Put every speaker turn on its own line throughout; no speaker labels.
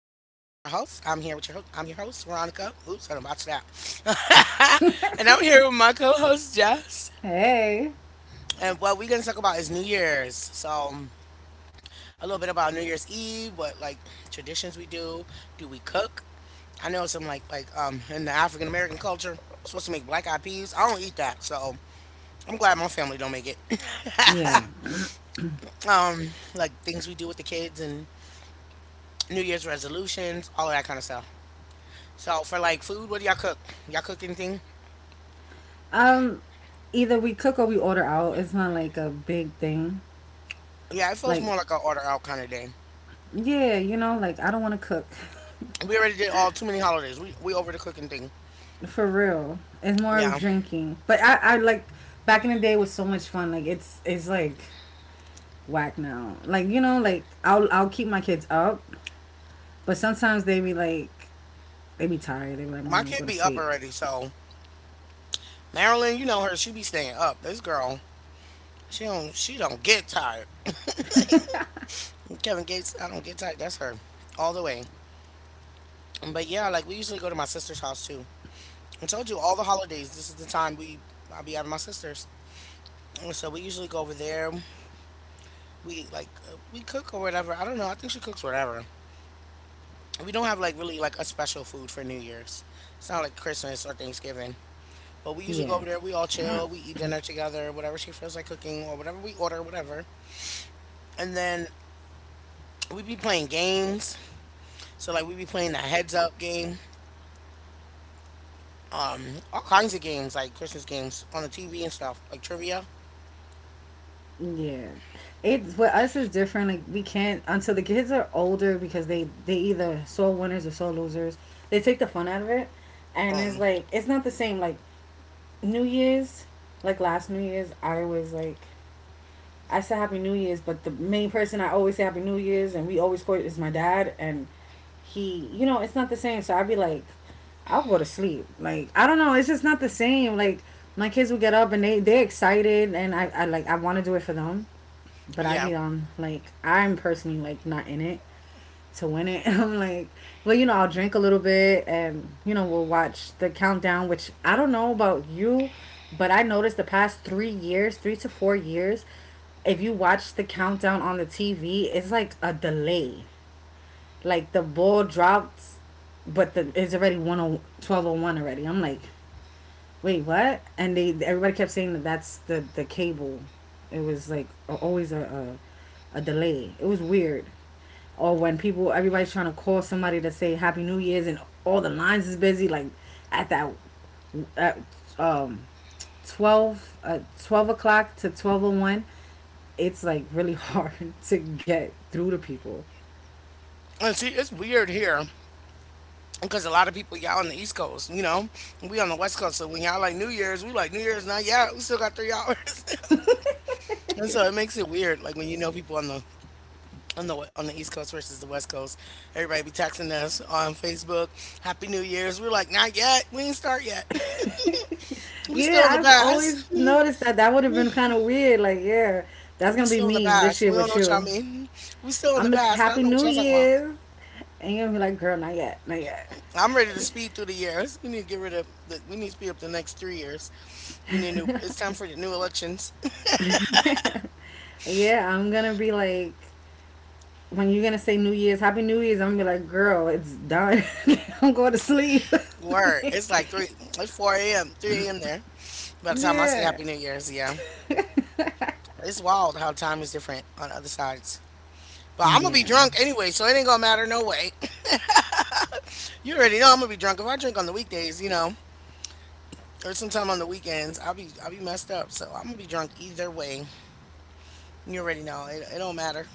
with your host. I'm here with your host. I'm your host, Veronica. Oops, I done botched that. And I'm here with my co-host, Jess.
Hey.
And what we're gonna talk about is New Year's. A little bit about New Year's Eve, what like traditions we do. Do we cook? I know some like in the African American culture, supposed to make black eyed peas. I don't eat that, so I'm glad my family don't make it.
Yeah.
um, like things we do with the kids and New Year's resolutions, all of that kind of stuff. So for like food, what do y'all cook? Y'all cook anything?
Um, Either we cook or we order out. It's not like a big thing.
Yeah, it feels
Like,
more like an order out kind of day.
yeah, like I don't want to cook.
We already did all too many holidays. We over the cooking thing.
For real. It's more of
Yeah,
drinking. But I like back in the day was so much fun. Like it's like whack now. Like like I'll keep my kids up, but sometimes they be like, they be tired. They be like,
my
"Mom, I'm
kid
going to
be up
sleep."
already. So Marilyn, you know her. She be staying up. This girl, she don't get tired. Kevin Gates, I don't get tired. That's her all the way. But yeah, like we usually go to my sister's house too. I told you all the holidays. This is the time we I'll be out of my sister's. So we usually go over there. We like we cook or whatever. I don't know. I think she cooks whatever. We don't have like really like a special food for New Year's. It's not like Christmas or Thanksgiving. But we usually go
Yeah.
over there, we all chill, we eat dinner together, whatever she feels like cooking or whatever we order, whatever. And then we be playing games. So like we be playing the heads up game. Um all kinds of games, like Christmas games on the TV and stuff, like trivia.
Yeah, it's for us is different. Like we can't until the kids are older because they either soul winners or soul losers. They take the fun out of it, and it's
Um
like it's not the same. Like New Year's, like last New Year's, I was like I said, "Happy New Year's," but the main person I always say Happy New Year's and we always quote is my dad, and he, you know, it's not the same. So I'd be like, I'll go to sleep. Like I don't know, it's just not the same. Like my kids will get up and they're excited, and I like I want to do it for them,
oh
but I
yeah.
be on like I'm personally like not in it to win it. I'm like, well, you know, I'll drink a little bit and you know, we'll watch the countdown, which I don't know about you, but I noticed the past 3 years, 3 to 4 years, if you watch the countdown on the TV, it's like a delay. Like the ball drops, but the it's already 10 12:01 already. I'm like, "Wait, what?" And they everybody kept saying that that's the cable. It was like always a a delay. It was weird. Or when people, everybody's trying to call somebody to say Happy New Year's and all the lines is busy. Like at that, at um, 12, 12 o'clock to 12:01, it's like really hard to get through to people.
And see it's weird here because a lot of people y'all on the East Coast, you know. We on the West Coast, so when y'all like New Year's, we like New Year's not yet. We still got three hours. And so it makes it weird, like when you know people on the on the East Coast versus the West Coast, everybody be texting us on Facebook, "Happy New Year's." We're like, "Not yet. We ain't start yet. We
Yeah,
still in the
I've
past.
always noticed that. That would have been kind of weird. Like, yeah, that's
We
going to be
still in the
me this
past.
year
We don't
with
know what y'all
you.
mean. We still in the
I'm gonna be like,
past. I don't
"Happy
know what
New
y'all talking about.
Year's." And you're going to be like, "Girl, not yet, not yet."
I'm ready to speed through the years. We need to get rid of. We need to speed up the next 3 years. We need new. It's time for the new elections.
Yeah, I'm gonna be like, when you're gonna say New Year's, Happy New Year's, I'm gonna be like, "Girl, it's done." I'm going to sleep.
Word. It's like three. It's four a.m. Three a.m. there. By the time I say
Yeah.
Happy New Year's, yeah, it's wild how time is different on other sides. But I'm gonna be
Yeah.
drunk anyway, so it ain't gonna matter no way. You already know I'm gonna be drunk. If I drink on the weekdays, you know, or sometime on the weekends, I'll be messed up. So I'm gonna be drunk either way. You already know it. It don't matter.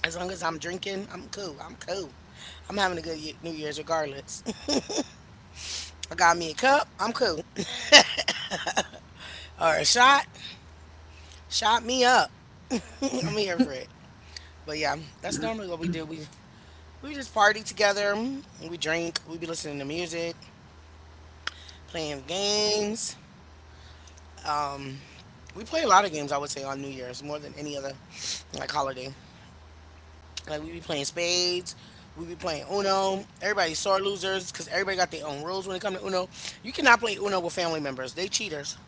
As long as I'm drinking, I'm cool. I'm cool. I'm having a good New Year's regardless. I got me a cup. I'm cool. Or a shot. Shot me up. I'm here for it. But yeah, that's normally what we do. We just party together. We drink. We be listening to music, playing games. Um. We play a lot of games, I would say, on New Year's more than any other like holiday. Like we be playing spades, we be playing Uno. Everybody's sore losers because everybody got their own rules when it comes to Uno. You cannot play Uno with family members; they cheaters.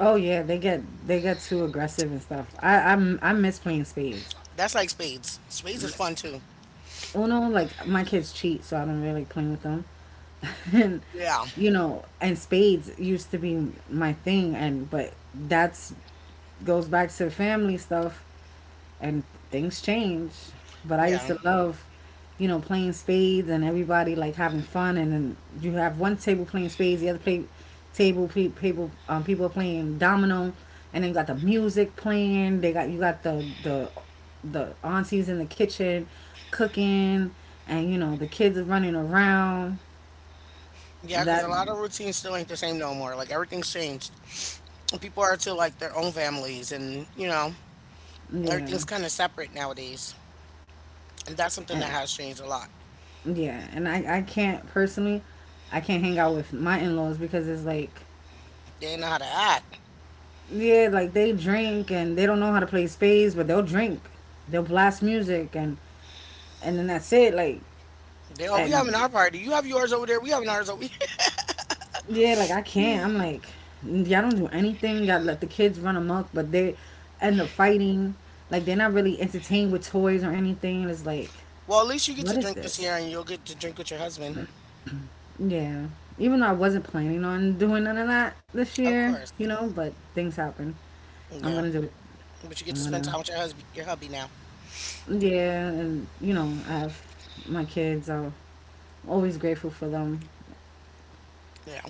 Oh yeah, they get too aggressive and stuff. I miss playing spades.
That's like spades. Spades is fun too.
Uno, like my kids cheat, so I don't really play with them. And
Yeah,
spades used to be my thing, and but that's goes back to family stuff. And things change. But I used
yeah,
to love, playing spades and everybody like having fun, and then you have one table playing spades, table pe- people people are playing domino, and then you got the music playing. They got you got the aunties in the kitchen cooking, and you know the kids are running around.
yeah. Because
That
a lot of routines still ain't the same no more. Like everything's changed. And people are to like their own families, and you know everything's
Yeah,
kind of separate nowadays. And that's something that
and
has changed a lot.
yeah, and I can't personally, I can't hang out with my in laws because it's like,
They know how to act.
yeah, like they drink and they don't know how to play spades, but they'll drink. They'll blast music and then that's it. Like
They all we having
and
our party. You have yours over there. We having ours over.
yeah, like I can't.
Mm.
I'm like, y'all don't do anything. Y'all let the kids run amok, but they and the fighting. Like they're not really entertained with toys or anything. It's like,
Well, at least you get to
what is
drink this year,
this?
and you'll get to drink with your husband.
Yeah. Even though I wasn't planning on doing none of that this
Of
year,
course.
you know, but things happen. I'm
Yeah.
gonna do it.
But you get to
I'm
spend
gonna
time with your husband, your hubby now.
Yeah, and you know, I have my kids. I always grateful for them.
You know,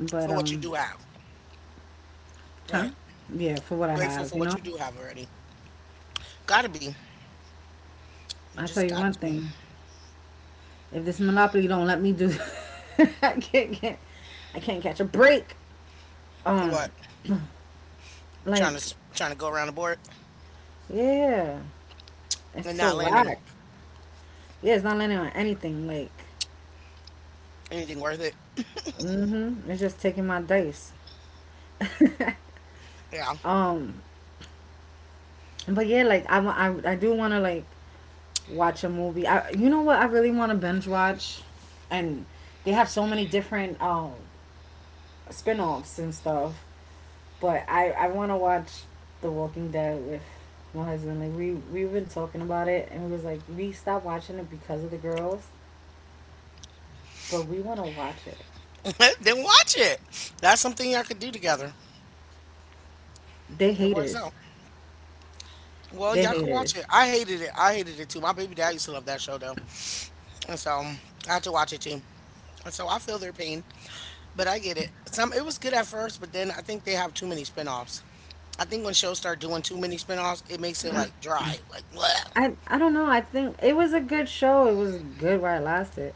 But
for what you do have.
huh?
Right.
Yeah, for what I
Grateful
have,
for
you
what
know.
you do have already. Gotta be. You
I
just
tell you
got
one
to be.
thing: if this monopoly don't let me do, I can't get, I can't catch a break. Um,
What?
like
Trying to go around the board
yeah,
and
it's so
not landing
whack. Yeah, it's not landing on anything. Like,
anything worth it.
mm-hmm, it's just taking my dice.
Yeah.
Um, but yeah, like I do want to like watch a movie. I You know what I really want to binge watch, and they have so many different spin-offs and stuff. But I want to watch The Walking Dead with my husband. Like we've been talking about it, and we was like we stopped watching it because of the girls, but we want to watch it.
Then watch it. That's something y'all could do together.
They
It works
haters.
out. Well,
They
y'all can watch it.
haters.
I hated it. I hated it too. My baby dad used to love that show though, and so I had to watch it too. And so I feel their pain. But I get it. Some it was good at first, but then I think they have too many spinoffs. I think when shows start doing too many spinoffs, it makes it like dry, like bleh.
I don't know. I think it was a good show. It was good while it lasted,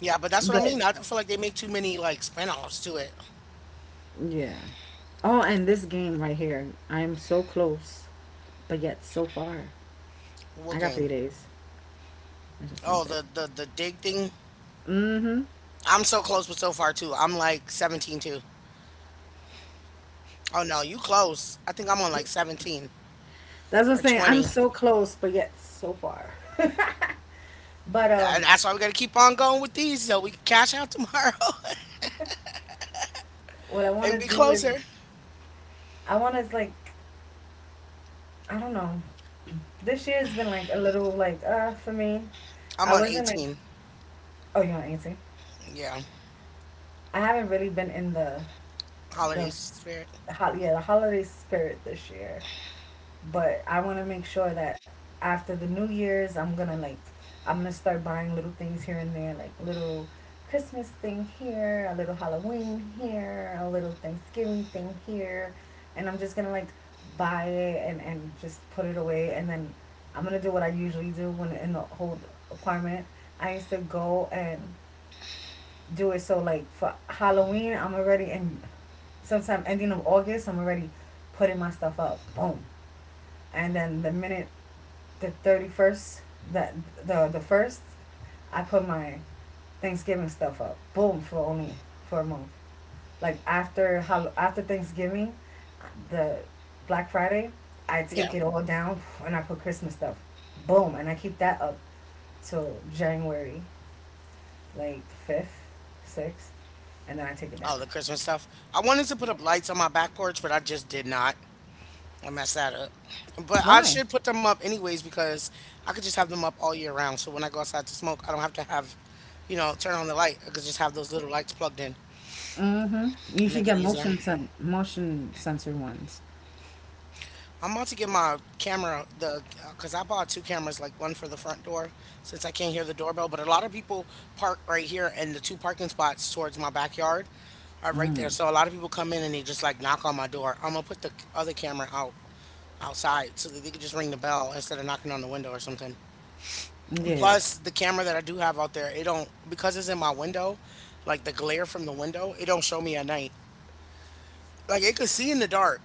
Yeah. But that's what I
but
mean. I feel like they make too many like spinoffs to it.
yeah. Oh, and this game right here. I am so close, but yet so far.
What
I got three
game?
days. I just
Oh,
sent it.
the dig thing.
Mm-hmm.
I'm so close, but so far too. I'm like 17 too. Oh no, you close. I think I'm on like 17
That's what I'm
or
saying. I'm
20.
so close, but yet so far. But
And that's why we gotta keep on going with these so we can cash out tomorrow
what I want
and
to
be
do is,
closer.
I want to like, I don't know. This year has been like a little like for me.
I'm
I
on
wasn't like,
18.
oh, you want to answer?
Yeah,
I haven't really been in the
holiday
s-
spirit.
the holiday spirit this year. But I want to make sure that after the New Year's, I'm gonna like, I'm gonna start buying little things here and there, like little Christmas thing here, a little Halloween here, a little Thanksgiving thing here, and I'm just gonna like buy it and just put it away, and then I'm gonna do what I usually do when in the whole apartment. I used to go and do it. So like for Halloween, I'm already in sometime ending of August, I'm already putting my stuff up, boom, and then the minute the thirty first, that the first, I put my Thanksgiving stuff up. Boom, for only for a month. Like after how after Thanksgiving, the Black Friday, I
Yeah.
take it all down and I put Christmas stuff. Boom, and I keep that up till January, like fifth, sixth, and then I take it down.
Oh, the Christmas stuff. I wanted to put
Yeah.
up lights on my back porch, but I just did not. I messed that up. But I
Why?
should put them up anyways because I could just have them up all year round. So when I go outside to smoke, I don't have to have, you know, turn on the light. I could just have those little lights plugged in
Mm-hmm. You
and make
should
it
get
easier.
motion sensor ones.
I'm about to get my camera, the because I bought two cameras, like one for the front door since I can't hear the doorbell. But a lot of people park right here, and the two parking spots towards my backyard are right there.
Mm.
So a lot of people come in and they just like knock on my door. I'm gonna put the other camera out outside so that they could just ring the bell instead of knocking on the window or something. And
Yeah.
plus, the camera that I do have out there, it don't because it's in my window, like the glare from the window, it don't show me at night. Like it could see in the dark,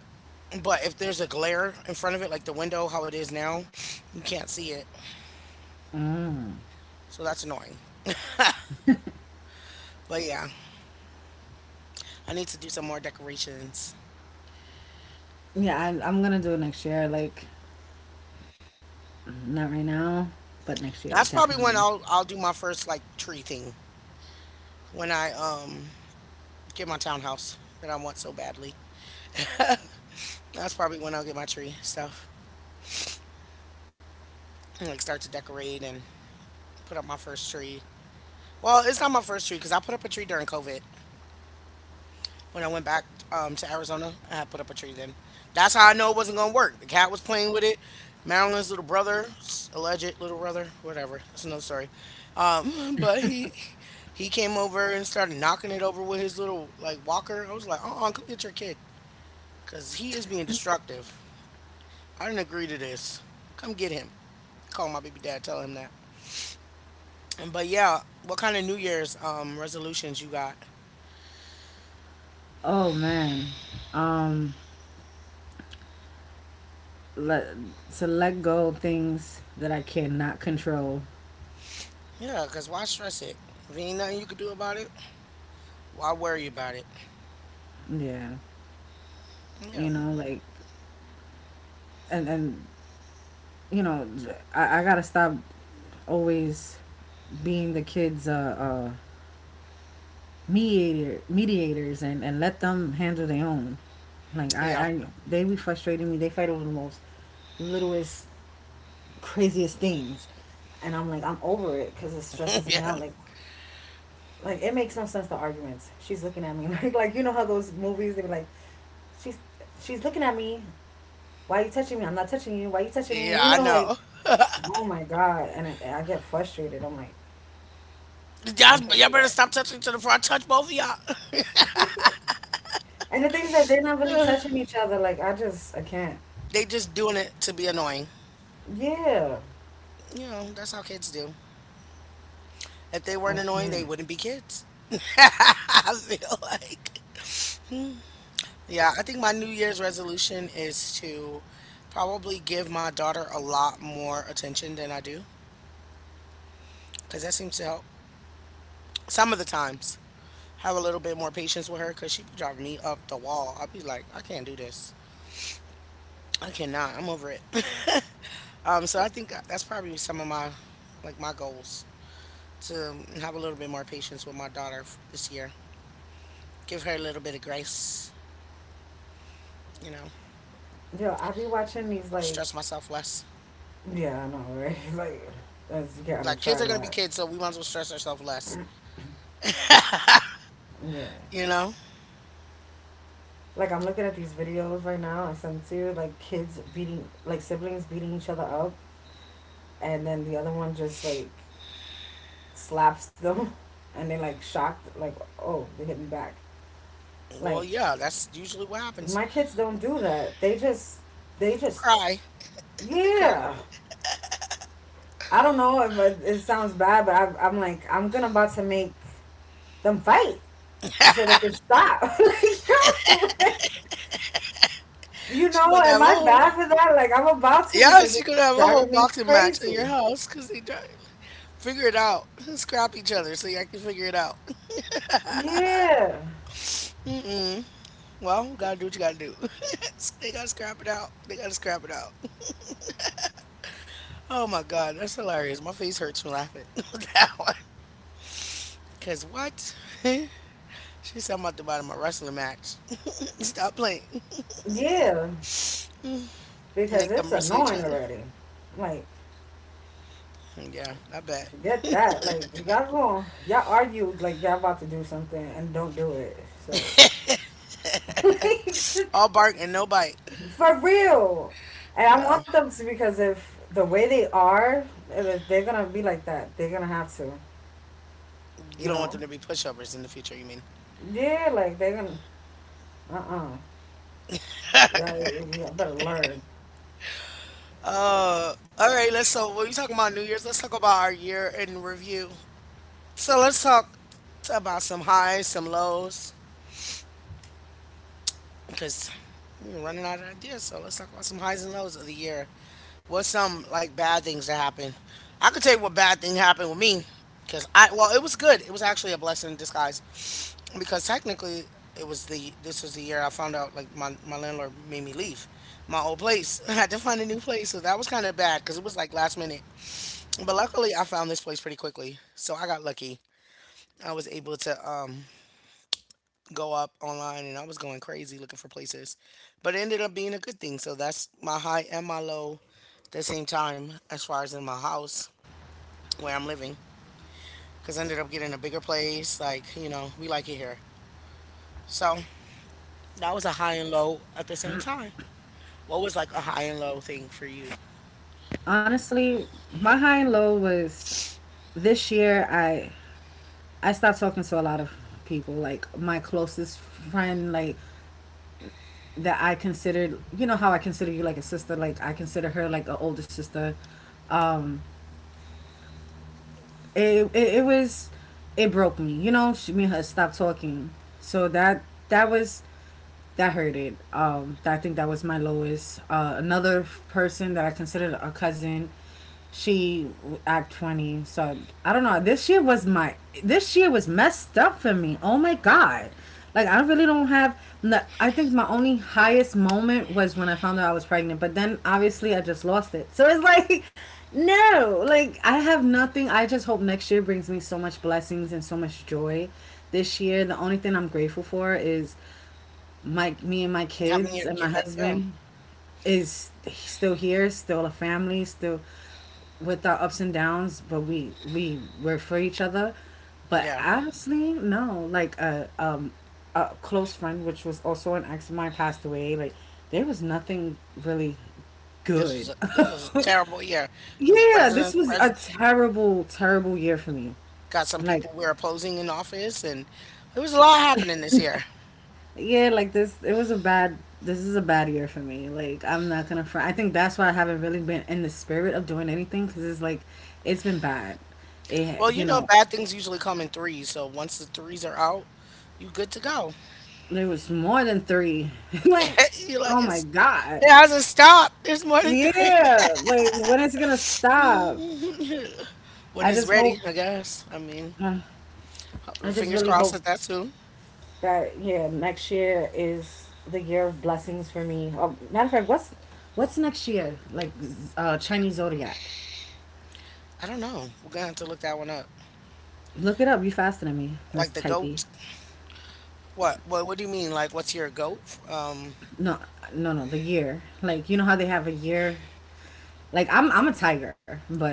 but if there's a glare in front of it, like the window how it is now, you can't see it.
Mm.
So that's annoying. But yeah, I need to do some more decorations.
Yeah, I'm gonna do it next year. Like, not right now, but next year
That's probably
definitely.
when I'll do my first like tree thing when I get my townhouse that I want so badly. That's probably when I'll get my tree stuff and like start to decorate and put up my first tree. Well, it's not my first tree because I put up a tree during COVID when I went back to Arizona. I had put up a tree then. That's how I know it wasn't gonna work. The cat was playing with it. Marilyn's little brother, alleged little brother, whatever. That's another story. But he came over and started knocking it over with his little like walker. I was like, come get your kid, cause he is being destructive. I didn't agree to this. Come get him. Call my baby dad. Tell him that." But yeah, what kind of New Year's resolutions you got?
Oh man, um, let to let go of things that I cannot control.
Yeah, because why stress it? If ain't nothing you can do about it, why worry about it?
Yeah,
Yeah.
you know, like, and you know, I gotta stop always being the kids' mediators and let them handle their own. Like
Yeah.
I they be frustrating me. They fight over the most littlest craziest things, and I'm like I'm over it because it stresses me
Yeah.
out. Like it makes no sense the arguments. She's looking at me like you know how those movies they were like, she's she's looking at me. Why are you touching me? I'm not touching you. Why you touching
Yeah,
me? You
I
know, like,
know.
oh my god, and I get frustrated. I'm like
Y'all,
I can't
y'all
do
better
that.
stop touching each other before I touch both of y'all.
And the thing is that they're not really touching each other. Like I just I can't.
They just doing it to be annoying.
Yeah,
You know, that's how kids do. If they weren't
I
annoying, they
can't.
wouldn't be kids. I feel like. Yeah, I think my New Year's resolution is to probably give my daughter a lot more attention than I do because that seems to help some of the times. Have a little bit more patience with her because she be driving me up the wall. I'll be like, I can't do this. I cannot. I'm over it. So I think that's probably some of my like my goals to have a little bit more patience with my daughter this year. Give her a little bit of grace. You know,
Yo, I be watching these like,
stress myself less.
yeah, I know, right? Like, that's, you gotta
Like kids
try
are gonna be
that.
kids, so we might as well stress ourselves less.
Yeah.
You know?
Like I'm looking at these videos right now I sent to you, like kids beating, like siblings beating each other up, and then the other one just like slaps them, and they like shocked, like oh, they hit me back,
Well,
like
yeah, that's usually what happens.
my kids don't do that. They just they just
Cry. They cry.
yeah, I don't know if it, it sounds bad, but I'm like I'm gonna about to make them fight so they can stop. Like, yo, like, you
she
know,
about to
am
have a
I
whole
bad for that? Like I'm about to, because
Yes, you
it's
could have a whole
driving me
boxing match in your
crazy.
house because they try figure it out. Scrap each other so y'all can figure it out.
Yeah,
Mm-mm. Well, gotta do what you gotta do. They gotta scrap it out. They gotta scrap it out. Oh my god, that's hilarious. My face hurts from laughing at that one. Cause what? She said I'm about to buy them a wrestling match. Stop playing.
yeah, because
Make
it's
them wrestle each
annoying
other.
already. Like,
Yeah, I bet.
forget that. Like, you gotta go. Y'all argue like y'all about to do something and don't do it. So, like,
All bark and no bite.
for real. And I
Yeah.
want them to, because if the way they are, if they're gonna be like that, they're gonna have to.
You
You
don't want
know?
them to be pushovers in the future, you mean?
Yeah, like they're gonna. Uh. Yeah, yeah. Better learn.
Uh, all right, let's so when we talking about New Year's, let's talk about our year in review. So let's talk about some highs, some lows, because we're running out of ideas. So let's talk about some highs and lows of the year. What's some like bad things that happened? I could tell you what bad thing happened with me, because I, well, it was good. It was actually a blessing in disguise because technically it was the this was the year I found out like my landlord made me leave my old place. I had to find a new place, so that was kind of bad because it was like last minute. But luckily, I found this place pretty quickly, so I got lucky. I was able to go up online, and I was going crazy looking for places, but it ended up being a good thing. So that's my high and my low at the same time, as far as in my house where I'm living, because I ended up getting a bigger place. Like you know, we like it here. So that was a high and low at the same time. What was like a high and low thing for you?
Honestly, my high and low was this year I stopped talking to a lot of people. Like my closest friend, like that I considered, you know how I consider you like a sister. Like I consider her like an older sister. Um, it was, it broke me. You know, she, me and her stopped talking. So that was that hurted. I think that was my lowest. Another person that I considered a cousin, she act funny. So I don't know. This year was messed up for me. Oh my god! Like I really don't have. No, I think my only highest moment was when I found out I was pregnant. But then obviously I just lost it. So it's like. No, like I have nothing. I just hope next year brings me so much blessings and so much joy. This year, the only thing I'm grateful for is my me and my
Having
kids
your,
and my
yeah, yeah.
husband is still here, still a family, still with our ups and downs, but we we're for each other. But
Yeah.
honestly, no, like a close friend, which was also an ex of mine, passed away. Like there was nothing really
This was
good.
a terrible year. The
Yeah, this
president
was
pres
a terrible, terrible year for me.
Got some
Like
people we're opposing in office, and it was a lot happening this year.
it was a bad. This is a bad year for me. Like I'm not gonna front. I think that's why I haven't really been in the spirit of doing anything because it's like, it's been bad.
Well,
It, you
you know,
know,
bad things usually come in threes, so once the threes are out, you good to go.
there was more than three. like,
You're like,
oh my god,
it hasn't stopped. There's more than three.
yeah. Like when it's gonna stop?
When
I
it's
just
ready,
hope.
I guess. I mean,
I just
fingers
really
crossed
hope
that that's soon.
that yeah, next year is the year of blessings for me. Oh, matter of fact, what's next year? Like Chinese zodiac.
I don't know. We're gonna have to look that one up.
Look it up. You faster than me, Miss
Like the
Typey.
goat. What? What? What do you mean? Like, what's your goat? Um,
No, no, no. The year. Like you know how they have a year. Like I'm a tiger, but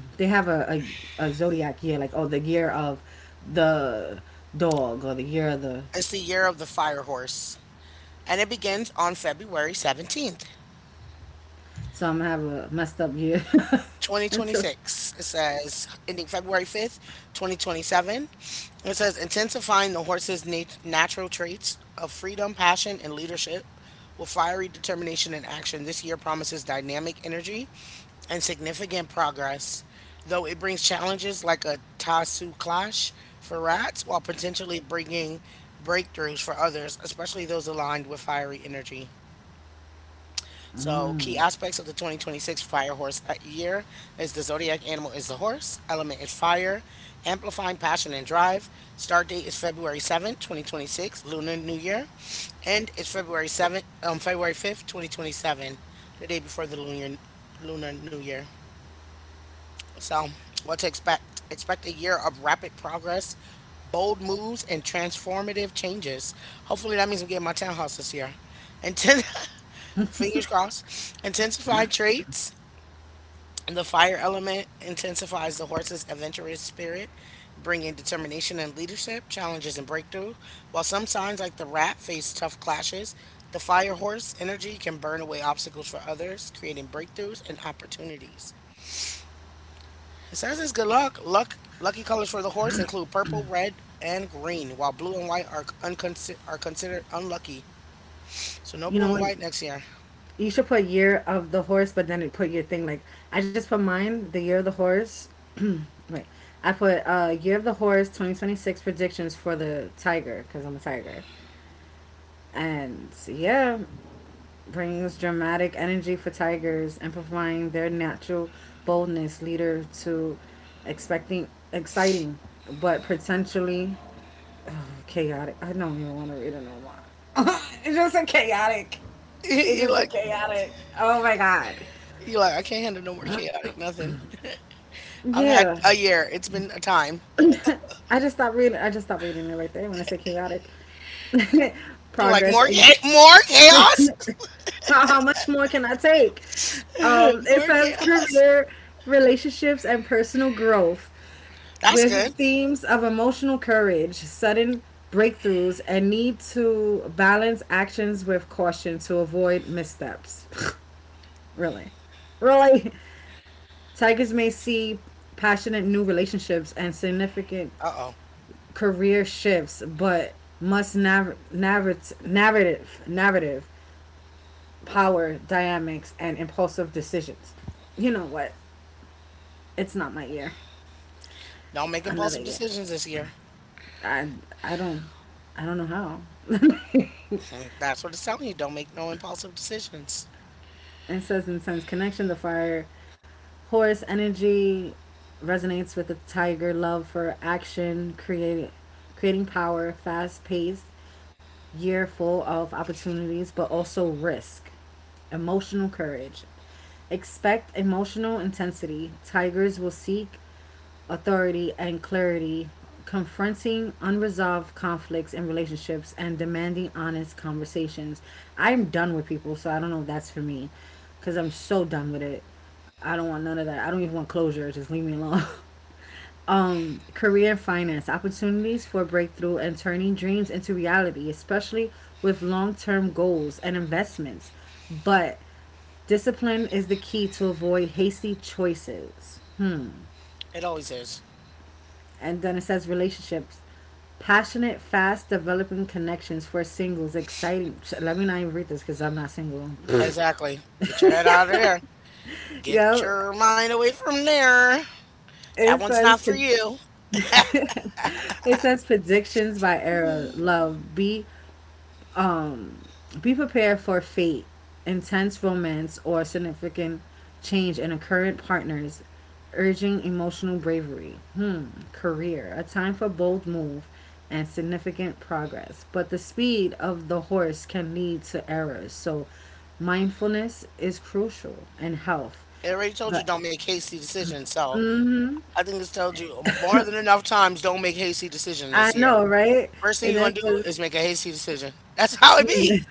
they have a zodiac year. Like oh, the year of the dog or the year of the.
it's the year of the fire horse, and it begins on February 17th.
So I'm gonna have a messed up year. And so
2026. It says ending February 5th, 2027. It says intensifying the horse's natural traits of freedom, passion, and leadership with fiery determination and action. This year promises dynamic energy and significant progress, though it brings challenges like a Tasu clash for rats while potentially bringing breakthroughs for others, especially those aligned with fiery energy. So, key aspects of the 2026 Fire Horse year is the zodiac animal is the horse, element is fire, amplifying passion and drive. Start date is February 7th, 2026, Lunar New Year. End is February 7th, February 5th, 2027, the day before the Lunar New Year. So, what to expect? Expect a year of rapid progress, bold moves, and transformative changes. Hopefully, that means I'm getting my townhouse this year. And ten. Fingers crossed, intensified traits. The fire element intensifies the horse's adventurous spirit, bringing determination and leadership, challenges and breakthrough. While some signs, like the rat, face tough clashes, the fire horse energy can burn away obstacles for others, creating breakthroughs and opportunities. It says it's good luck. Lucky colors for the horse include purple, red, and green, while blue and white are are considered unlucky. So no
you
blue
know
and
what?
white next year.
You should put year of the horse, but then it put your thing like I just put mine the year of the horse. Wait, I put year of the horse 2026 predictions for the tiger because I'm a tiger. And so, yeah, brings dramatic energy for tigers, amplifying their natural boldness, leader to expecting exciting but potentially chaotic. I don't even want to read it no more. It's just a chaotic. It's
you
just a
like
chaotic. Oh my god.
You're like, I can't handle no more chaotic nothing. I've
Yeah.
had a year. It's been a time.
I just stopped reading. I just stopped reading it right there when I said chaotic.
You're like,
Progress
more
and
more chaos?
How much more can I take? It
More
says
chaos.
career, relationships, and personal growth
That's good.
with themes of emotional courage, sudden breakthroughs, and need to balance actions with caution to avoid missteps. Really? Really? Tigers may see passionate new relationships and significant
Uh-oh.
career shifts, but must narrative narrative power dynamics and impulsive decisions. You know what? It's not my year.
Don't make
Another
impulsive
year.
decisions this year.
I I don't I don't know how.
Hmm, that's what it's telling you. Don't make no impulsive decisions.
It says in sense connection the fire horse energy resonates with the tiger love for action, creating power, fast paced, year full of opportunities but also risk. Emotional courage. Expect emotional intensity. Tigers will seek authority, and clarity, confronting unresolved conflicts in relationships, and demanding honest conversations. I'm done with people, so I don't know if that's for me because I'm so done with it. I don't want none of that. I don't even want closure. Just leave me alone. Um, career and finance opportunities for breakthrough and turning dreams into reality, especially with long term goals and investments. But discipline is the key to avoid hasty choices
It always is.
and then it says relationships. Passionate, fast developing connections for singles. Exciting. So let me not even read this because I'm not single.
Exactly. Get your head out of there. Get
Yo,
your mind away from there. That
it
one's not
says
for you.
it says predictions by era. Love. Um, be prepared for fate, intense romance, or significant change in a current partner's urging emotional bravery. Hmm, career, a time for bold move and significant progress, but the speed of the horse can lead to errors. So, mindfulness is crucial and health.
It already told you
But
don't make hasty decisions. So I think it's told you more than enough times don't make hasty decisions
I
this year.
know, right?
First thing
And
you're gonna
that's
do is make a hasty decision. That's how it be.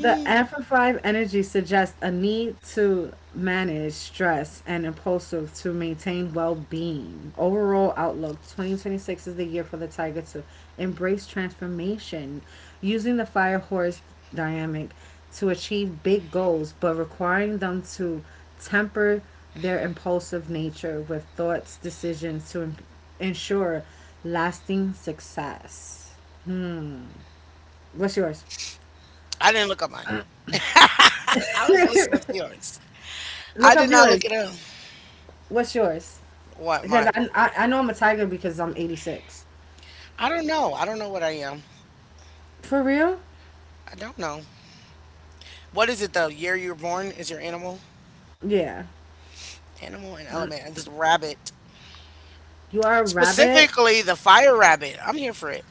The Alpha 5 energy suggests a need to manage stress and impulsive to maintain well being. Overall outlook 2026 is the year for the tiger to embrace transformation, using the fire horse dynamic to achieve big goals, but requiring them to temper their impulsive nature with thoughts, decisions to ensure lasting success. What's yours?
I didn't look at mine. I was listening to yours.
Look
I
up
did not
yours.
look at him.
What's yours?
What
Because
my?
I know I'm a tiger because I'm 86.
I don't know. I don't know what I am.
For real?
I don't know. What is it? The year you were born is your animal,
Yeah.
and element. And this rabbit,
You are a rabbit?
specifically the fire rabbit. I'm here for it.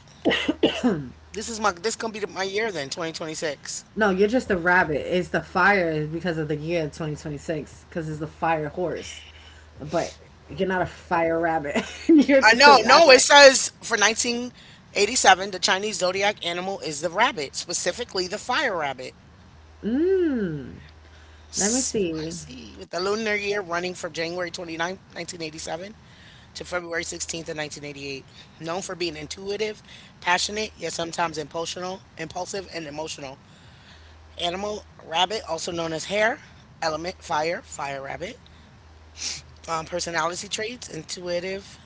This is my. This gonna be my year then, 2026.
No, you're just a rabbit. It's the fire because of the year 2026, because it's the fire horse. But you're not a fire rabbit. You're
I
just a
know. No, it
rabbit.
says for 1987, the Chinese zodiac animal is the rabbit, specifically the fire rabbit.
Let me see.
Spicy. With the lunar year running from January 29, 1987 to February 16th of 1988. Known for being intuitive, passionate, yet sometimes impulsive and emotional. Animal, rabbit, also known as hare. Element, fire, fire rabbit. Personality traits, intuitive,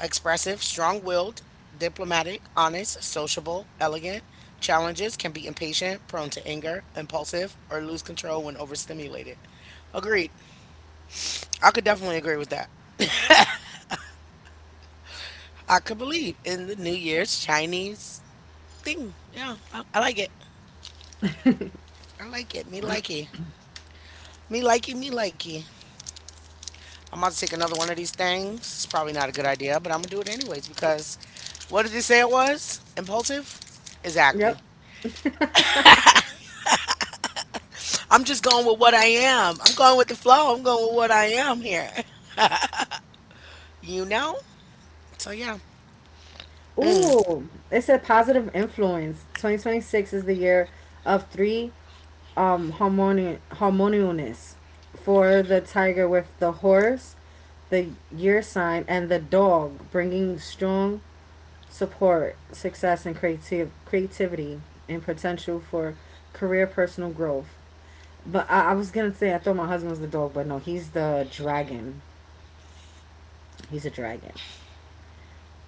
expressive, strong-willed, diplomatic, honest, sociable, elegant. Challenges can be impatient, prone to anger, impulsive, or lose control when overstimulated. Agreed. I could definitely agree with that. I could believe in the New Year's Chinese thing. Yeah, I like it. I like it. Me likey. Me likey, me likey. I'm about to take another one of these things. It's probably not a good idea, but I'm going to do it anyways because what did they say it was? Impulsive?
Yep.
Exactly. I'm just going with what I am. I'm going with the flow. I'm going with what I am here. You know? So, yeah.
Ooh, it said positive influence. 2026 is the year of three harmoni- harmoniousness for the tiger with the horse, the year sign, and the dog, bringing strong support, success, and creative creativity and potential for career, personal growth. But I was gonna say I thought my husband was the dog, but no, he's the dragon. He's a dragon.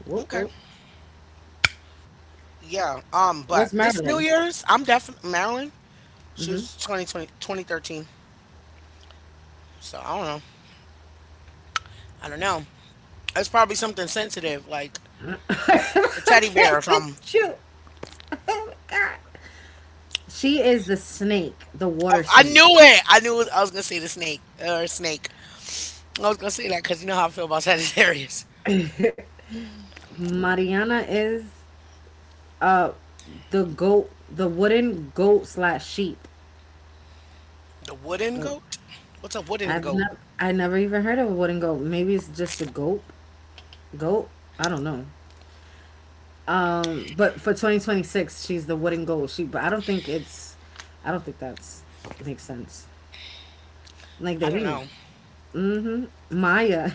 Whoop
Okay.
whoop.
Yeah. But
What's
this New
Marilyn?
Year's, I'm definitely Marilyn. She was 2020, 2013. So I don't know. I don't know. It's probably something sensitive, like a
I
teddy
can't
bear or
even
something.
shoot. Oh my god. She is the snake, the
I,
water
I
snake.
knew it. I knew it, I was gonna say the snake or snake. I was gonna say that because you know how I feel about Sagittarius.
Mariana is uh the goat the wooden goat slash sheep.
The wooden goat. What's a wooden goat?
I never even heard of a wooden goat. Maybe it's just the goat goat. I don't know. But for 2026, she's the wooden goat sheep. But I don't think that's makes sense. Like
I
they
don't
be
know.
hmm Maya.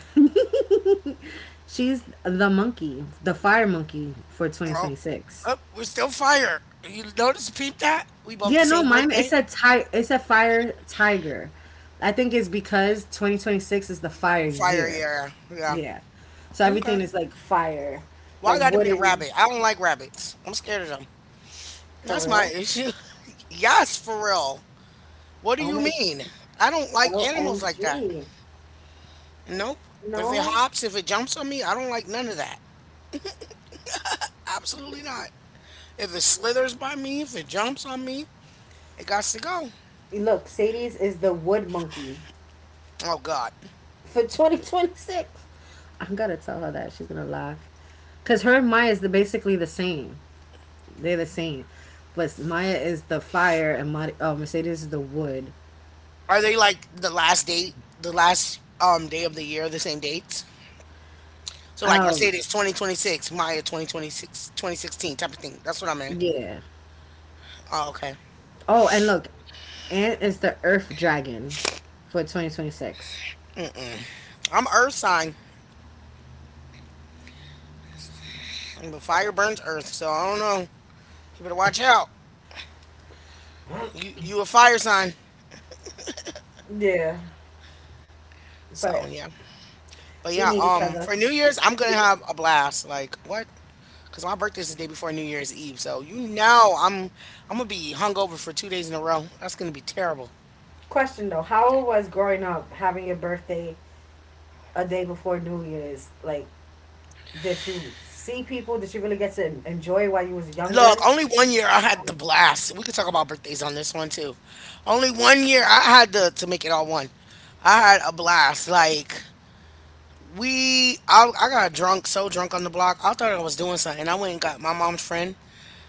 She's the monkey, the fire monkey for
Oh,
2026.
oh, we're still fire. You notice, peep that we both the
Yeah, no,
same
mine it
birthday.
said it said fire tiger. I think it's because 2026 is the fire
Fire,
year.
yeah, yeah.
Yeah. So everything
Okay.
is like fire,
Why I
like
got to be the
wooden.
rabbit? I don't like rabbits. I'm scared of them.
For
That's my
real?
issue. Yes, for real. What do
Oh
you
my,
mean? I don't like animals like that.
OMG.
Nope. If it
No.
hops, if it jumps on me, I don't like none of that. Absolutely not. If it slithers by me, if it jumps on me, it got to go.
Look, Sadie's is the wood monkey
Oh God.
for 2026. I'm gonna tell her that she's gonna laugh, cause her and Maya is the, basically the same. They're the same, but Maya is the fire and Mercedes is the wood.
Are they like the last date, the last day of the year, the same dates? So like
Um.
Mercedes 2026, Maya 2026, 2016 type of thing. That's what I'm.
Yeah.
Oh, okay.
Oh, and look, Ant is the earth dragon for 2026.
Mm-mm. I'm earth sign, and the fire burns earth, so I don't know. You better watch out. You a fire sign.
Yeah,
So
but
yeah. But
we
yeah,
need each other.
for New Year's I'm gonna have a blast. Like what? Cause my birthday's the day before New Year's Eve, so you know I'm gonna be hungover for 2 days in a row. That's gonna be terrible.
Question though, how it was growing up having your birthday a day before New Year's? Like, did you see people? Did you really get to enjoy while you was
Look,
younger?
only one year I had the blast. We could talk about birthdays on this one too. Only one year I had to make it all one. I had a blast. Like I got drunk, so drunk on the block. I thought I was doing something. I went and got my mom's friend.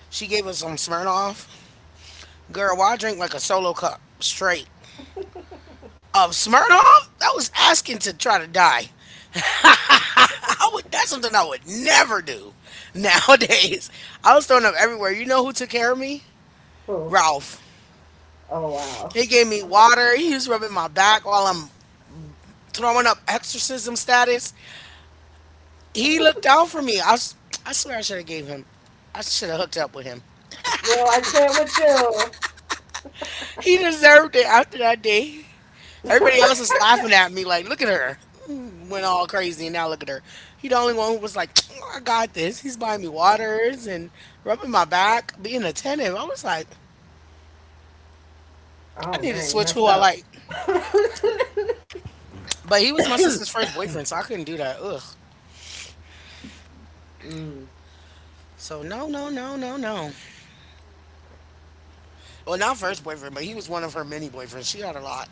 She gave us some Smirnoff. Girl, why I drink like a solo cup straight of Smirnoff? That was asking to try to die. I would That's something I would never do nowadays. I was thrown up everywhere. You know who took care of me?
Who?
Ralph.
Oh wow.
He gave me water. He was rubbing my back while I'm throwing up exorcism status. He looked out for me. I swear I should have gave him. I should have hooked up with him.
No, I can't with you.
He deserved it after that day. Everybody else is laughing at me like, look at her. Went all crazy and now look at her. He the only one who was like, I got this. He's buying me waters and rubbing my back, being attentive. I was like, I
Oh
need to
man, you
switch who
messed
I
up.
like. But he was my sister's first boyfriend, so I couldn't do that. Ugh. So no, no, no, no, no. Well, not first boyfriend, but he was one of her many boyfriends. She had a lot.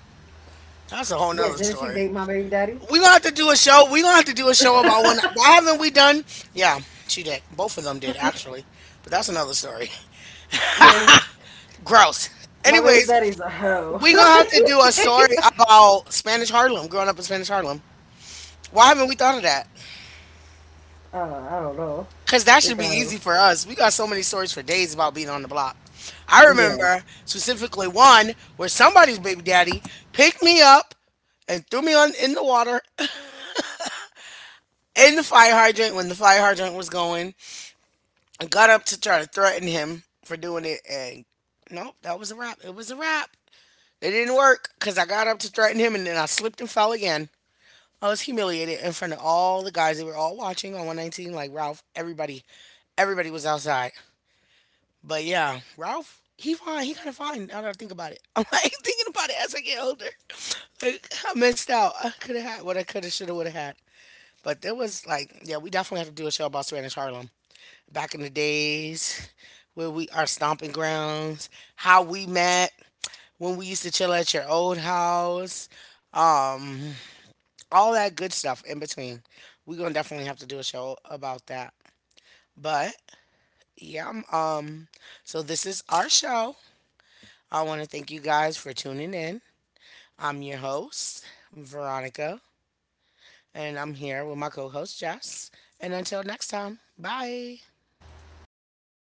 That's a whole
Yeah,
nother
didn't she
story.
date my baby daddy?
We gonna have to do a show. We gonna have to do a show about one. Why haven't we done? Yeah, she did. Both of them did actually, but that's another story.
Did-
Gross.
My baby
Anyways,
daddy's a hoe.
we gonna have to
You
do a
see?
story about Spanish Harlem, growing up in Spanish Harlem. Why haven't we thought of that?
Uh, I don't know.
Cause that
We
should be
got him.
easy for us. We got so many stories for days about being on the block. I
Yeah.
remember specifically one where somebody's baby daddy picked me up and threw me on in the water in the fire hydrant when the fire hydrant was going and got up to try to threaten him for doing it and nope, that was a wrap. It was a wrap. It didn't work because I got up to threaten him and then I slipped and fell again. I was humiliated in front of all the guys that were all watching on 119, like Ralph, everybody. Everybody was outside. But yeah, Ralph, he fine. He kind of fine. Now that I think about it, I'm like thinking about it as I get older. Like I missed out. I could have had what I could have, should have, would have had. But there was like, yeah, we definitely have to do a show about Spanish Harlem back in the days where we our stomping grounds, how we met, when we used to chill at your old house, um, all that good stuff in between. We're gonna definitely have to do a show about that. But yeah, so this is our show. I want to thank you guys for tuning in. I'm your host, Veronica, and I'm here with my co host, Jess. And until next time, bye.